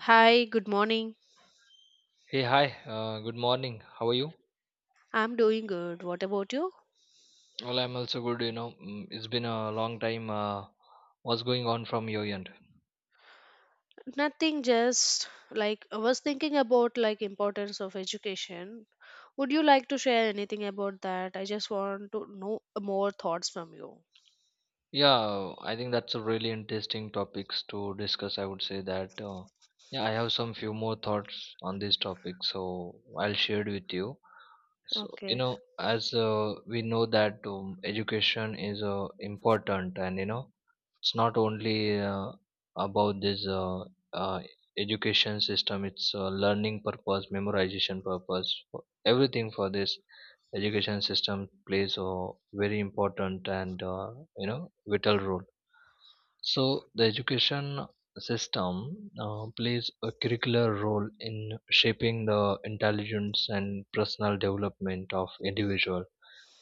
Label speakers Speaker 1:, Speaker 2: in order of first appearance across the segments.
Speaker 1: Hi, good morning.
Speaker 2: Hey, hi. Good morning. How are you?
Speaker 1: I'm doing good. What about you?
Speaker 2: Well, I'm also good. You know, it's been a long time. What's going on from your end?
Speaker 1: Nothing, just like I was thinking about like importance of education. Would you like to share anything about that? I just want to know more thoughts from you.
Speaker 2: Yeah, I think that's a really interesting topics to discuss. I would say that yeah, I have some few more thoughts on this topic, so I'll share it with you. So you
Speaker 1: Okay.
Speaker 2: know, as we know that education is important, and you know, it's not only about this uh, education system; it's learning purpose, memorization purpose, everything for this education system plays a very important and you know vital role. So the education system plays a curricular role in shaping the intelligence and personal development of individual.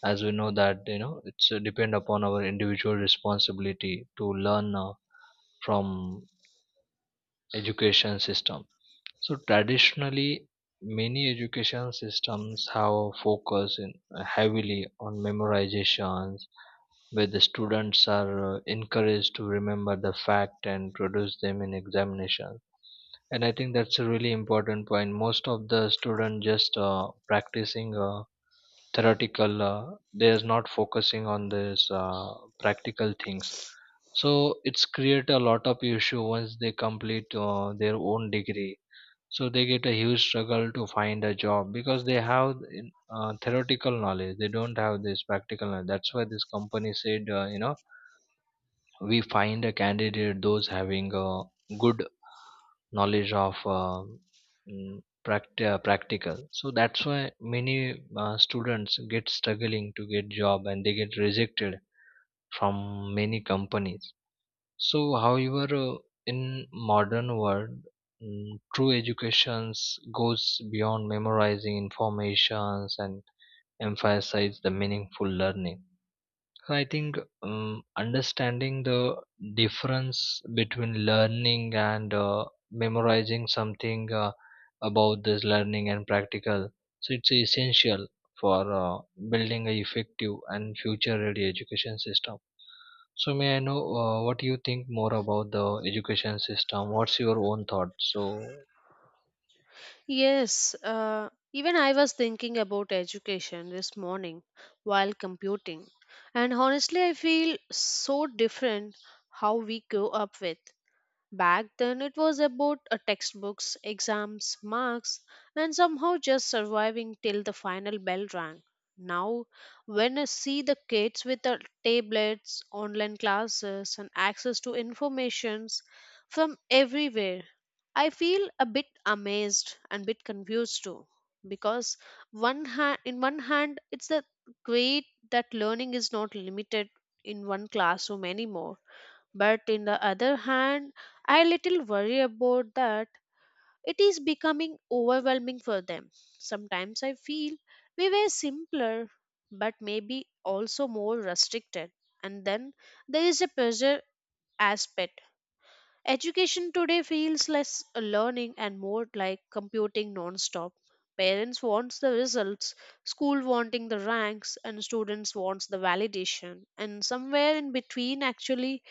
Speaker 2: As we know that you know it's depend upon our individual responsibility to learn from education system. So traditionally many education systems have focus in heavily on memorizations, where the students are encouraged to remember the fact and produce them in examination. And I think that's a really important point. Most of the student just practicing theoretical, they're not focusing on this practical things. So it's create a lot of issue once they complete their own degree. So they get a huge struggle to find a job, because they have theoretical knowledge, they don't have this practical knowledge. That's why this company said, you know, we find a candidate those having a good knowledge of practical. So that's why many students get struggling to get job and they get rejected from many companies. So however, uh, in modern world, true education goes beyond memorizing informations and emphasize the meaningful learning. So I think understanding the difference between learning and memorizing something, about this learning and practical. So it's essential for building a effective and future-ready education system. So may I know what you think more about the education system? What's your own thought? So
Speaker 1: Yes, even I was thinking about education this morning while computing. And honestly, I feel so different how we grow up with. Back then, it was about textbooks, exams, marks, and somehow just surviving till the final bell rang. Now, when I see the kids with the tablets, online classes, and access to informations from everywhere, I feel a bit amazed and bit confused too. Because in one hand, it's the great that learning is not limited in one classroom anymore, but in the other hand, I little worry about that it is becoming overwhelming for them. Sometimes I feel we were simpler, but maybe also more restricted. And then there is a pressure aspect. Education today feels less learning and more like computing non-stop. Parents wants the results, school wanting the ranks, and students wants the validation. And somewhere in between, actually,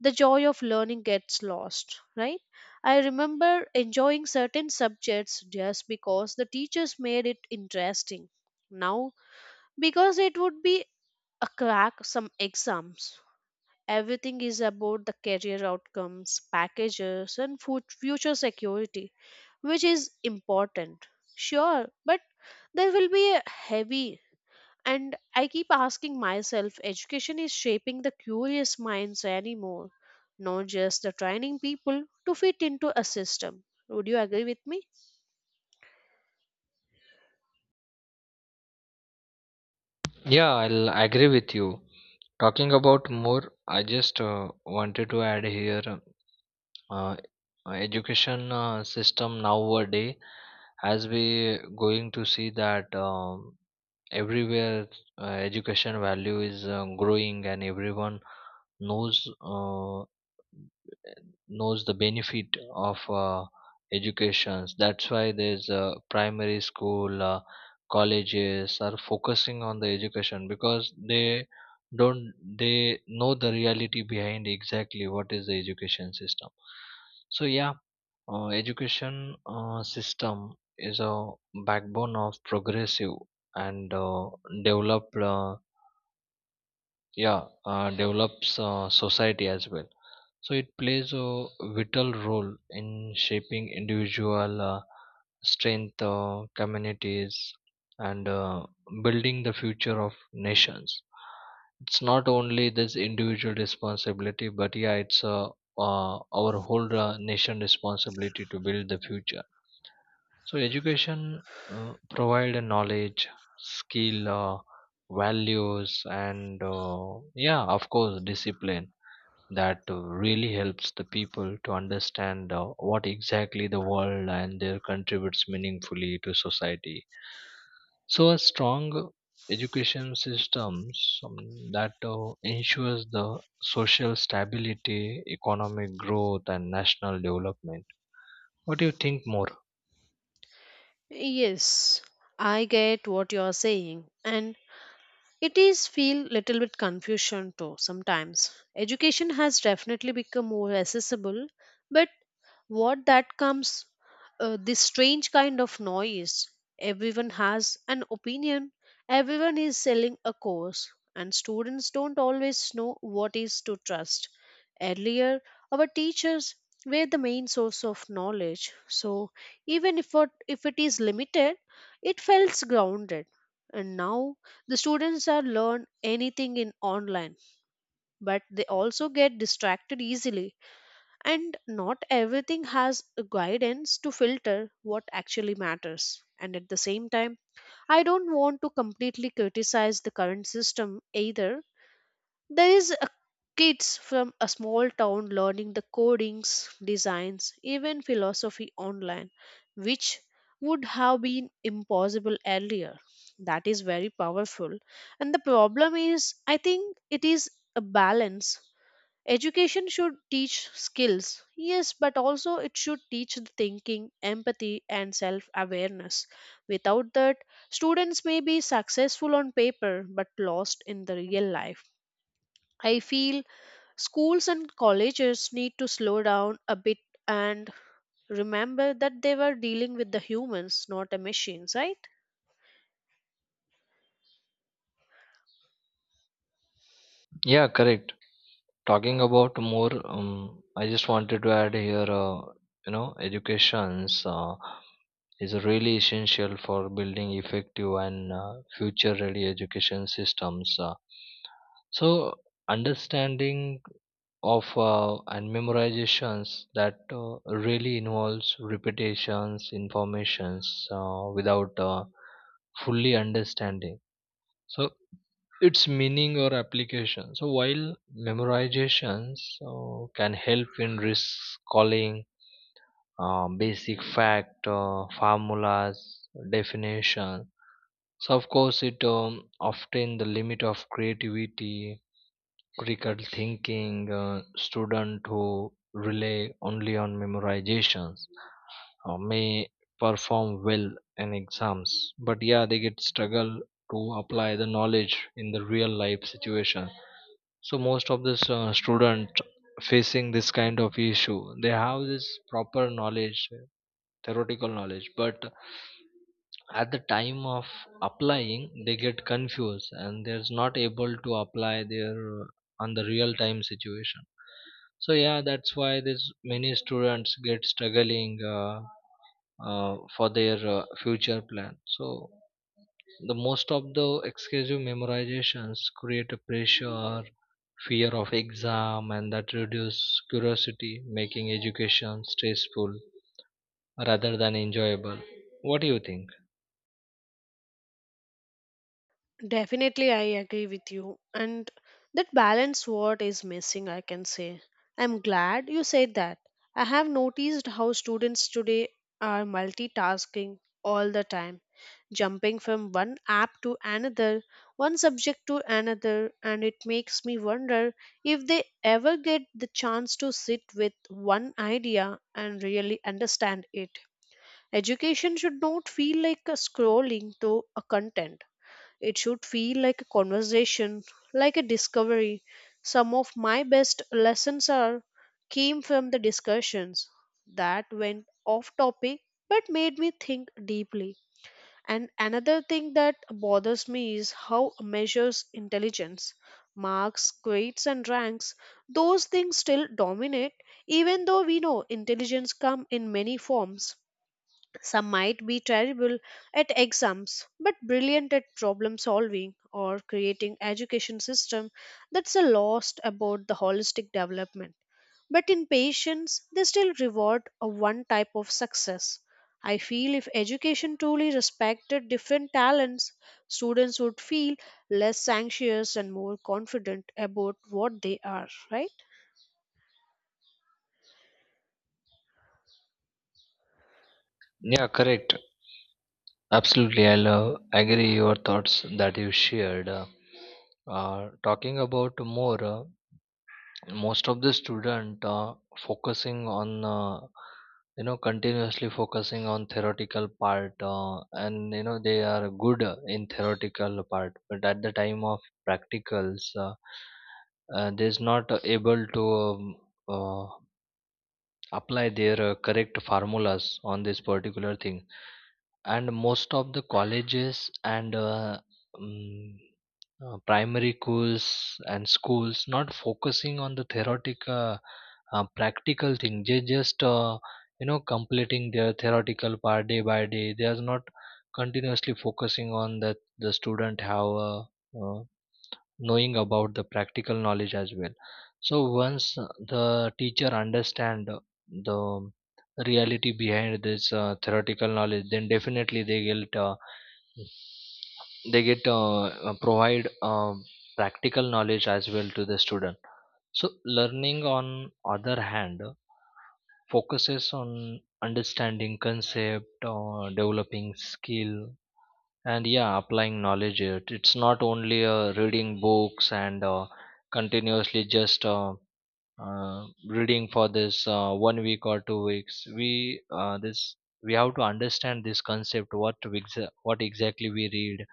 Speaker 1: the joy of learning gets lost, right? I remember enjoying certain subjects just because the teachers made it interesting. Now, because it would be a crack some exams. Everything is about the career outcomes, packages, and future security, which is important. Sure, but there will be a heavy and I keep asking myself, education is shaping the curious minds anymore, not just the training people to fit into a system. Would you agree with me?
Speaker 2: yeah, I'll agree with you. Talking about more, I just wanted to add here, uh, education system nowadays, as we going to see that everywhere education value is growing, and everyone knows uh, knows the benefit of educations. That's why there's primary school, colleges are focusing on the education, because they don't they know the reality behind exactly what is the education system. So yeah, education system is a backbone of progressive and developed yeah develops society as well. So it plays a vital role in shaping individual strength, communities, and building the future of nations. It's not only this individual responsibility, but yeah, it's our whole nation responsibility to build the future. So education provide a knowledge, skill, values, and yeah, of course, discipline, that really helps the people to understand what exactly the world and their contributes meaningfully to society. So a strong education systems that ensures the social stability, economic growth, and national development. What do you think more?
Speaker 1: Yes, I get what you are saying, and it is feel little bit confusion too sometimes. Education has definitely become more accessible, but what that comes, this strange kind of noise. Everyone has an opinion, everyone is selling a course, and students don't always know what is to trust. Earlier, our teachers were the main source of knowledge, so even if it is limited, it felt grounded. And now the students are learn anything in online, but they also get distracted easily and not everything has a guidance to filter what actually matters. And at the same time, I don't want to completely criticize the current system either. There is a kids from a small town learning the codings, designs, even philosophy online, which would have been impossible earlier. That is very powerful. And the problem is, I think it is a balance. Education should teach skills, yes, but also it should teach the thinking, empathy, and self awareness. Without that, students may be successful on paper but lost in the real life. I feel schools and colleges need to slow down a bit and remember that they were dealing with the humans, not the machines, right?
Speaker 2: Yeah, correct. Talking about more, I just wanted to add here, you know, educations is really essential for building effective and future ready education systems. So understanding of and memorizations, that really involves repetitions informations without fully understanding, so its meaning or application. So while memorizations can help in recalling basic fact, formulas, definition. So of course it often the limit of creativity, critical thinking. Student who rely only on memorizations may perform well in exams, but yeah, they get struggle to apply the knowledge in the real life situation. So most of this student facing this kind of issue. They have this proper knowledge, theoretical knowledge, but at the time of applying they get confused and they're not able to apply their on the real time situation. So yeah, that's why this many students get struggling for their future plan. So the most of the excessive memorizations create a pressure, fear of exam, and that reduce curiosity, making education stressful rather than enjoyable. What do you think?
Speaker 1: Definitely, I agree with you. And that balance what is missing, I can say. I'm glad you said that. I have noticed how students today are multitasking all the time, jumping from one app to another, one subject to another, and it makes me wonder if they ever get the chance to sit with one idea and really understand it. Education should not feel like a scrolling through a content, it should feel like a conversation, like a discovery. Some of my best lessons are came from the discussions that went off topic but made me think deeply. And another thing that bothers me is how measures intelligence. Marks, grades and ranks, those things still dominate even though we know intelligence come in many forms. Some might be terrible at exams but brilliant at problem solving or creating education system that's a lost about the holistic development. But in patients, they still reward a one type of success. I feel if education truly respected different talents, students would feel less anxious and more confident about what they are, right?
Speaker 2: Yeah, correct. Absolutely. I love, agree your thoughts that you shared. Uh, Talking about more. Most of the student focusing on you know, continuously focusing on theoretical part, and you know they are good in theoretical part, but at the time of practicals, there's not able to uh, apply their correct formulas on this particular thing. And most of the colleges and um, primary schools and schools not focusing on the theoretical practical thing. They just you know, completing their theoretical part day by day. They are not continuously focusing on that the student have a uh, knowing about the practical knowledge as well. So once the teacher understand the reality behind this theoretical knowledge, then definitely they get provide practical knowledge as well to the student. So learning, on other hand, focuses on understanding concept, developing skill, and yeah, applying knowledge. It's not only reading books and continuously just reading for this 1 week or 2 weeks. We have to understand this concept, what what exactly we read,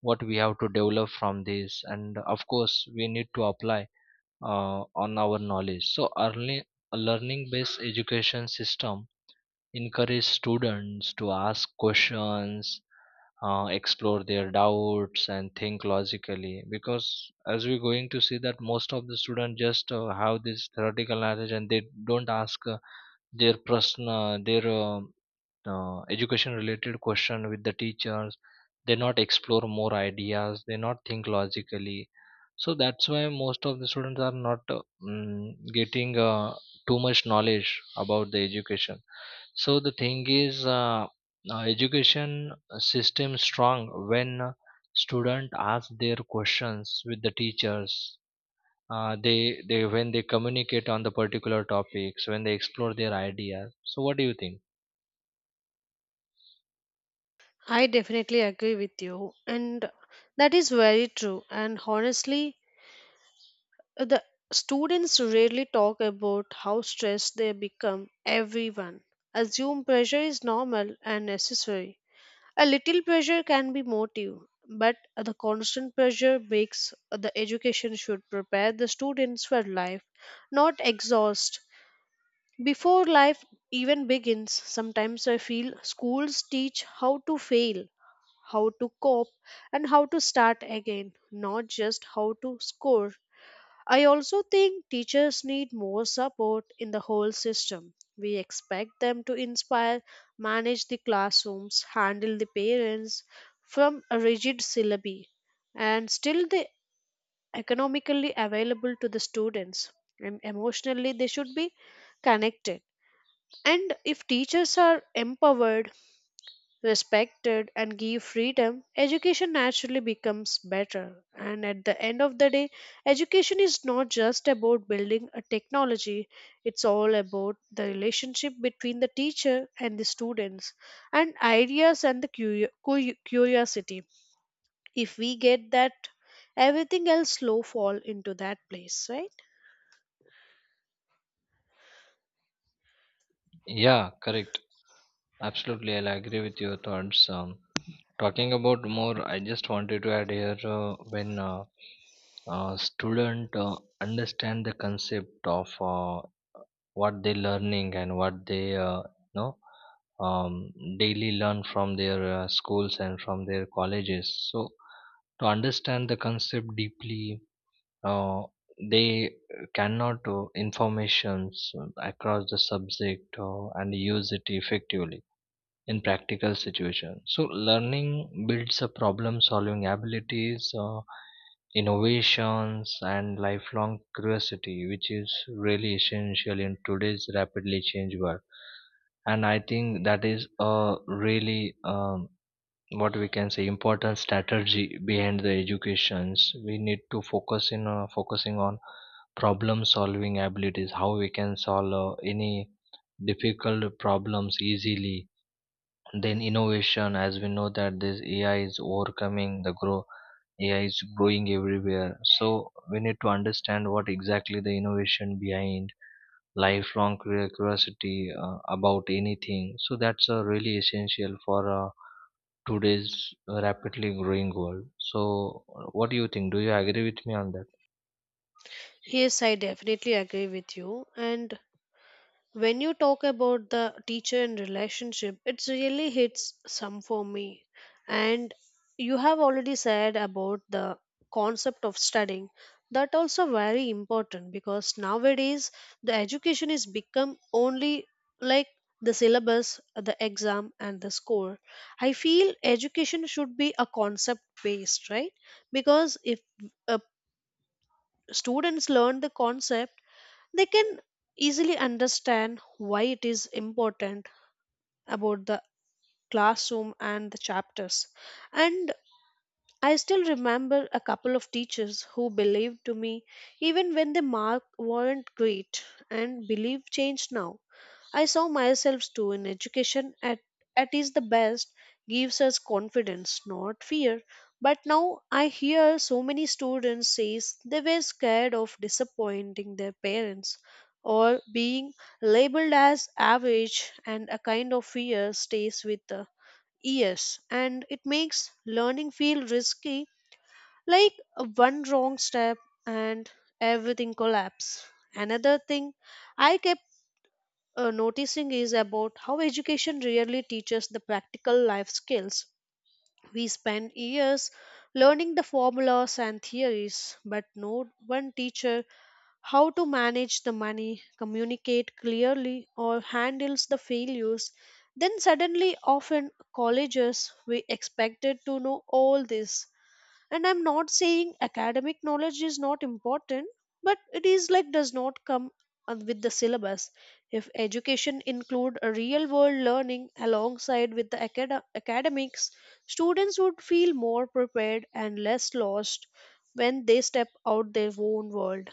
Speaker 2: what we have to develop from this, and of course we need to apply on our knowledge. So early, a learning based education system encourage students to ask questions, explore their doubts, and think logically. Because as we're going to see that most of the students just have this theoretical knowledge, and they don't ask their prashna, their education related question with the teachers. They not explore more ideas, they not think logically. So that's why most of the students are not getting too much knowledge about the education. So the thing is, education system strong when student ask their questions with the teachers. They When they communicate on the particular topics, when they explore their ideas. So what do you think?
Speaker 1: I definitely agree with you, and that is very true. And honestly, the students rarely talk about how stressed they become. Everyone assume pressure is normal and necessary. A little pressure can be motive, but the constant pressure makes the education should prepare the students for life, not exhaust. Before life even begins, sometimes I feel schools teach how to fail, how to cope, and how to start again, not just how to score. I also think teachers need more support in the whole system. We expect them to inspire, manage the classrooms, handle the parents from a rigid syllabi, and still they economically available to the students. And emotionally, they should be connected. And if teachers are empowered, respected, and give freedom, education naturally becomes better. And at the end of the day, education is not just about building a technology, it's all about the relationship between the teacher and the students, and ideas and the curiosity. If we get that, everything else slow fall into that place, right?
Speaker 2: Yeah, correct. Absolutely, I'll agree with your thoughts. Talking about more, I just wanted to add here when student understand the concept of what they learning and what they know, um, daily learn from their schools and from their colleges. So to understand the concept deeply, uh, they cannot informations across the subject, and use it effectively in practical situations. So learning builds a problem solving abilities, innovations, and lifelong curiosity, which is really essential in today's rapidly changing world. And I think that is a really what we can say important strategy behind the educations. We need to focusing on problem solving abilities, how we can solve any difficult problems easily, then innovation. As we know that this AI is overcoming the grow, AI is growing everywhere. So we need to understand what exactly the innovation behind lifelong curiosity about anything. So that's really essential for today's rapidly growing world. So what do you think? Do you agree with me on that?
Speaker 1: Yes, I definitely agree with you. And when you talk about the teacher and relationship, it's really hits some for me, and you have already said about the concept of studying, that also very important because nowadays the education is become only like the syllabus, the exam and the score. I feel education should be a concept based, right? Because if uh, students learn the concept, they can easily understand why it is important about the classroom and the chapters. And I still remember a couple of teachers who believed to me even when the mark weren't great, and belief changed. Now I saw myself too in education at is the best, gives us confidence, not fear. But now I hear so many students says they were scared of disappointing their parents or being labeled as average, and a kind of fear stays with the years, and it makes learning feel risky, like a one wrong step and everything collapse. Another thing I kept noticing is about how education really teaches the practical life skills. We spend years learning the formulas and theories, but no one teacher how to manage the money, communicate clearly, or handles the failures. Then suddenly, often colleges we expected to know all this, and I'm not saying academic knowledge is not important, but it is like does not come with the syllabus. If education include a real world learning alongside with the academics, students would feel more prepared and less lost when they step out their own world.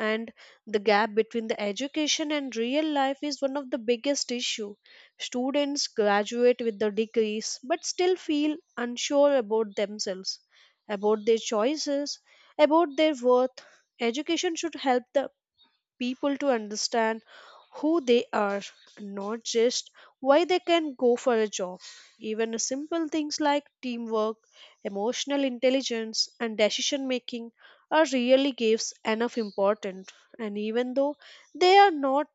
Speaker 1: And the gap between the education and real life is one of the biggest issue. Students graduate with the degrees but still feel unsure about themselves, about their choices, about their worth. Education should help the people to understand who they are, not just why they can go for a job. Even simple things like teamwork, emotional intelligence, and decision making are really gives enough importance. And even though they are not,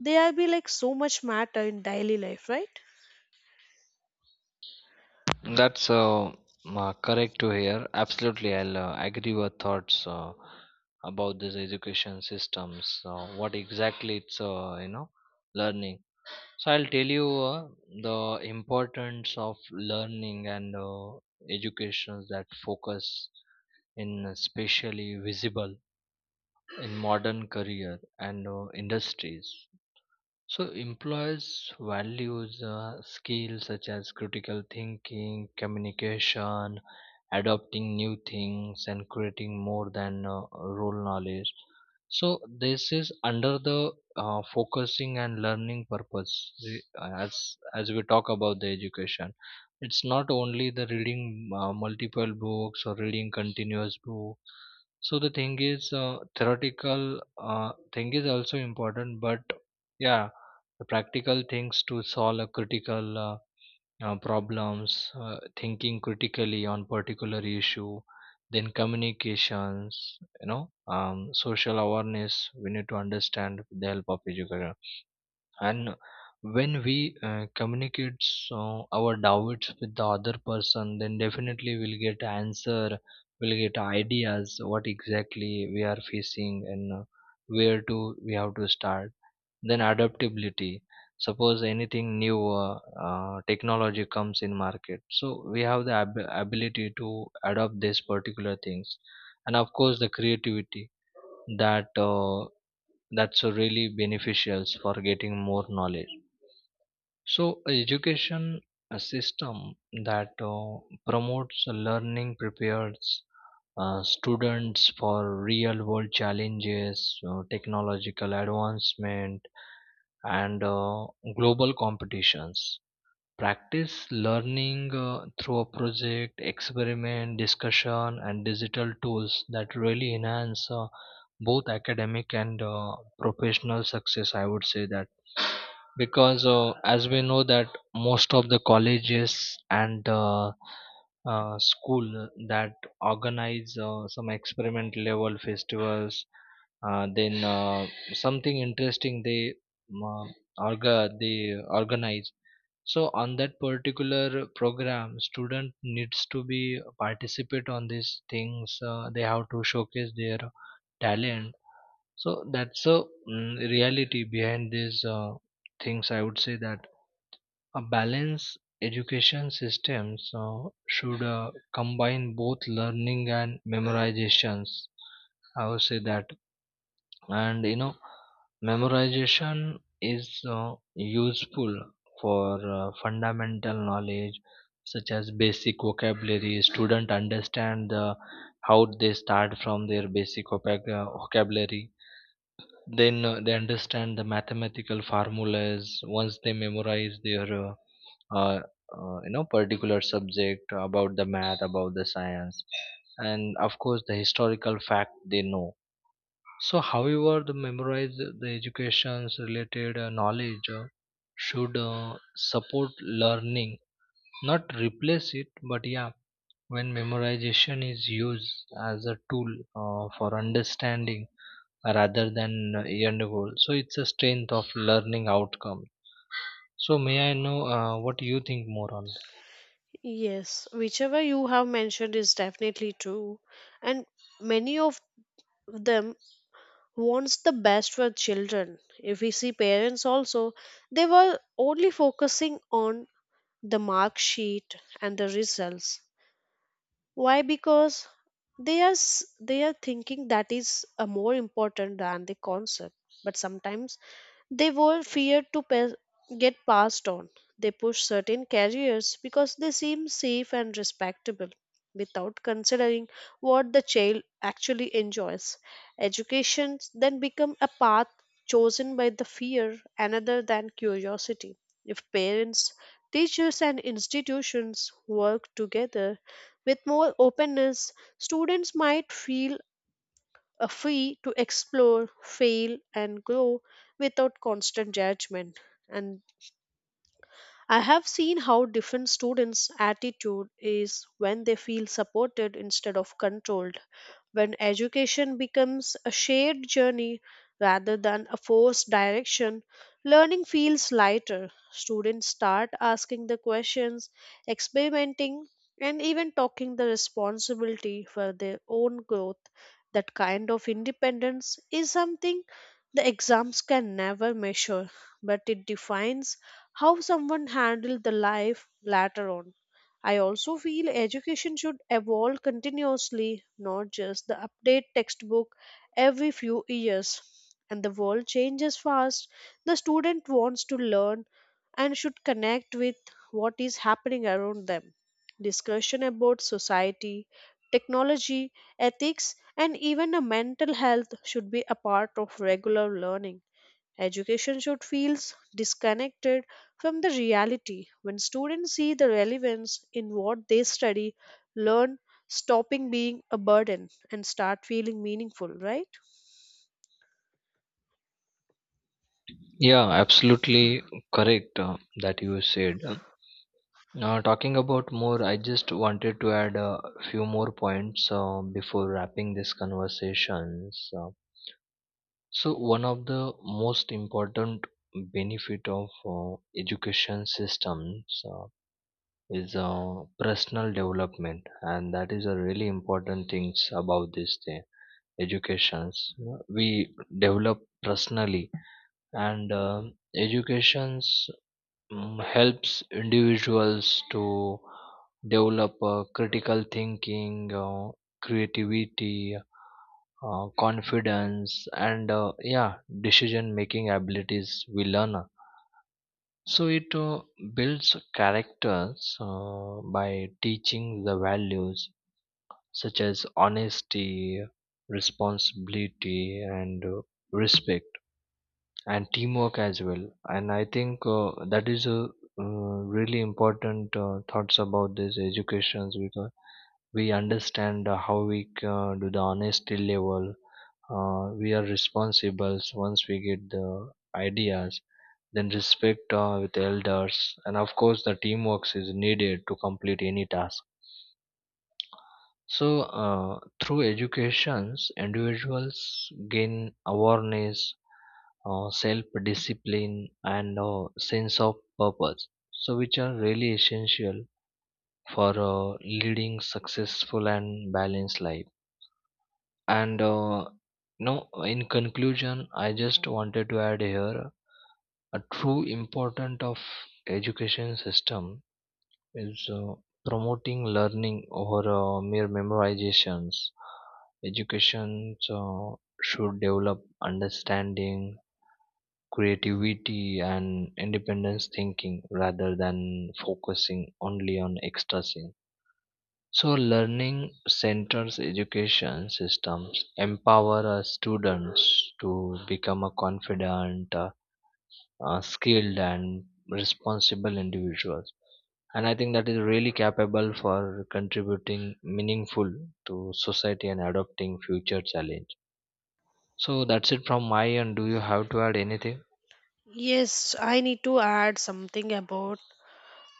Speaker 1: they are be like so much matter in daily life, right?
Speaker 2: That's correct to hear. Absolutely, I'll agree with thoughts about this education systems. What exactly it's you know, learning. So I'll tell you the importance of learning and educations, that focus in especially visible in modern career and industries. So employers values skills such as critical thinking, communication, adopting new things, and creating, more than role knowledge. So this is under the focusing and learning purpose. As we talk about the education, it's not only the reading multiple books or reading continuous book. So the thing is, theoretical thing is also important, but yeah, practical things to solve a critical problems, thinking critically on particular issue, then communications, you know, social awareness we need to understand with the help of education. And when we communicate so our doubts with the other person, then definitely we'll get answer, we'll get ideas what exactly we are facing, and where to we have to start. Then adaptability. Suppose anything new technology comes in market, so we have the ability to adopt these particular things, and of course the creativity, that uh, that's really beneficial for getting more knowledge. So education a system that promotes learning prepares students for real world challenges, technological advancement, and global competitions. Practice learning through a project, experiment, discussion, and digital tools, that really enhance both academic and professional success. I would say that, because as we know that most of the colleges and school that organize some experiment level festivals, then something interesting they um, uh, orga they organize. So on that particular program student needs to be participate on these things. They have to showcase their talent. So that's a reality behind these things. I would say that a balanced education system should combine both learning and memorizations. I would say that, and you know, memorization is useful for fundamental knowledge such as basic vocabulary. Student understand how they start from their basic vocabulary, then they understand the mathematical formulas once they memorize their uh, you know, particular subject about the math, about the science, and of course the historical fact they know. So however, the memorize the education's related knowledge should support learning, not replace it. But yeah, when memorization is used as a tool for understanding rather than end goal, so it's a strength of learning outcome. So may I know what you think more on that?
Speaker 1: Yes, whichever you have mentioned is definitely true, and many of them wants the best for children. If we see parents also, they were only focusing on the mark sheet and the results. Why? Because they are thinking that is more important than the concept. But sometimes they were feared to get passed on. They pushed certain careers because they seemed safe and respectable without considering what the child actually enjoys. Education then become a path chosen by the fear another than curiosity. If parents, teachers and institutions work together with more openness, students might feel a free to explore, fail, and grow without constant judgment. And I have seen how different students' attitude is when they feel supported instead of controlled, when education becomes a shared journey rather than a forced direction. Learning feels lighter. Students start asking the questions, experimenting, and even taking the responsibility for their own growth. That kind of independence is something the exams can never measure, but it defines how someone handled the life later on. I also feel education should evolve continuously, not just the update textbook every few years. And the world changes fast. The student wants to learn and should connect with what is happening around them. Discussion about society, technology, ethics, and even a mental health should be a part of regular learning. Education should feel disconnected from the reality. When students see the relevance in what they study, learn stopping being a burden and start feeling meaningful, right?
Speaker 2: Yeah, absolutely correct that you said. Now talking about more, I just wanted to add a few more points before wrapping this conversations. So one of the most important benefit of education systems is personal development, and that is a really important things about this thing. Educations, you know, we develop personally, and educations helps individuals to develop critical thinking, creativity, confidence, and yeah, decision making abilities we learn. So it builds characters by teaching the values such as honesty, responsibility, and respect, and teamwork as well. And I think that is a really important thoughts about this educations, because we understand how we can do the honesty level, we are responsible once we get the ideas, then respect with elders, and of course the teamwork is needed to complete any task. So, through educations, individuals gain awareness, self-discipline, and sense of purpose, so which are really essential for leading successful and balanced life. And no, in conclusion, I just wanted to add here a true importance of education system is promoting learning over mere memorizations. Education should develop understanding, creativity, and independence thinking, rather than focusing only on extracting. So, learning centers education systems empower students to become a confident, skilled, and responsible individuals. And I think that is really capable for contributing meaningful to society and adopting future challenge. So that's it from my end. Do you have to add anything?
Speaker 1: Yes, I need to add something about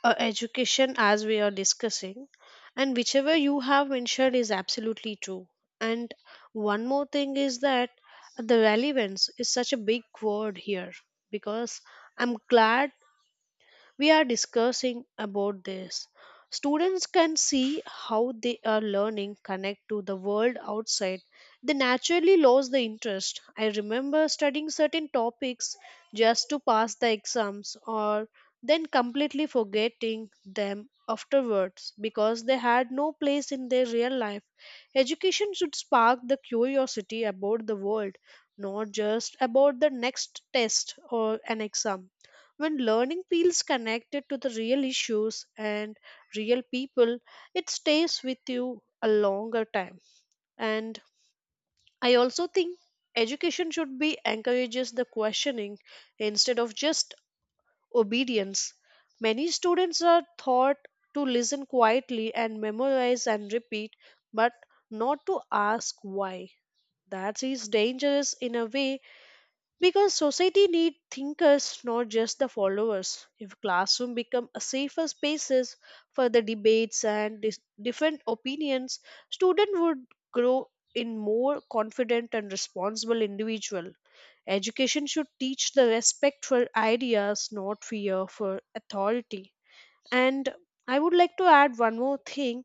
Speaker 1: education as we are discussing, and whichever you have mentioned is absolutely true. And one more thing is that the relevance is such a big word here because I'm glad we are discussing about this. Students can see how they are learning connect to the world outside. They naturally lose the interest. I remember studying certain topics just to pass the exams or then completely forgetting them afterwards because they had no place in their real life. Education should spark the curiosity about the world, not just about the next test or an exam. When learning feels connected to the real issues and real people, it stays with you a longer time. And I also think education should be encourages the questioning instead of just obedience. Many students are taught to listen quietly and memorize and repeat, but not to ask why. That is dangerous in a way because society need thinkers, not just the followers. If classroom become a safer spaces for the debates and different opinions, student would grow in more confident and responsible individual. Education should teach the respect for ideas, not fear for authority. And I would like to add one more thing.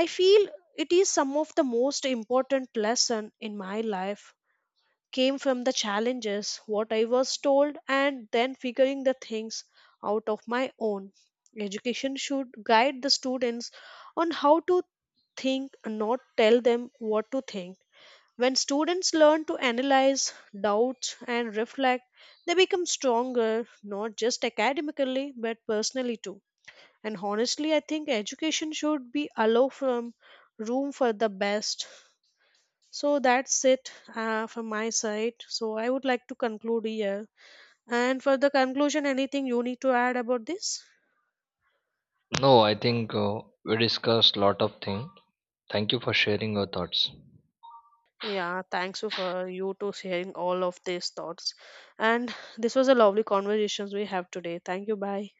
Speaker 1: I feel it is some of the most important lesson in my life, came from the challenges, what I was told, and then figuring the things out of my own. Education should guide the students on how to think, not tell them what to think. When students learn to analyze, doubt, and reflect, they become stronger, not just academically, but personally too. And honestly, I think education should be allow from room for the best. So that's it from my side. So I would like to conclude here. And for the conclusion, anything you need to add about this?
Speaker 2: No, I think we discussed lot of things. Thank you for sharing your thoughts.
Speaker 1: Yeah, thanks you for you to sharing all of these thoughts. And this was a lovely conversations we have today. Thank you. Bye.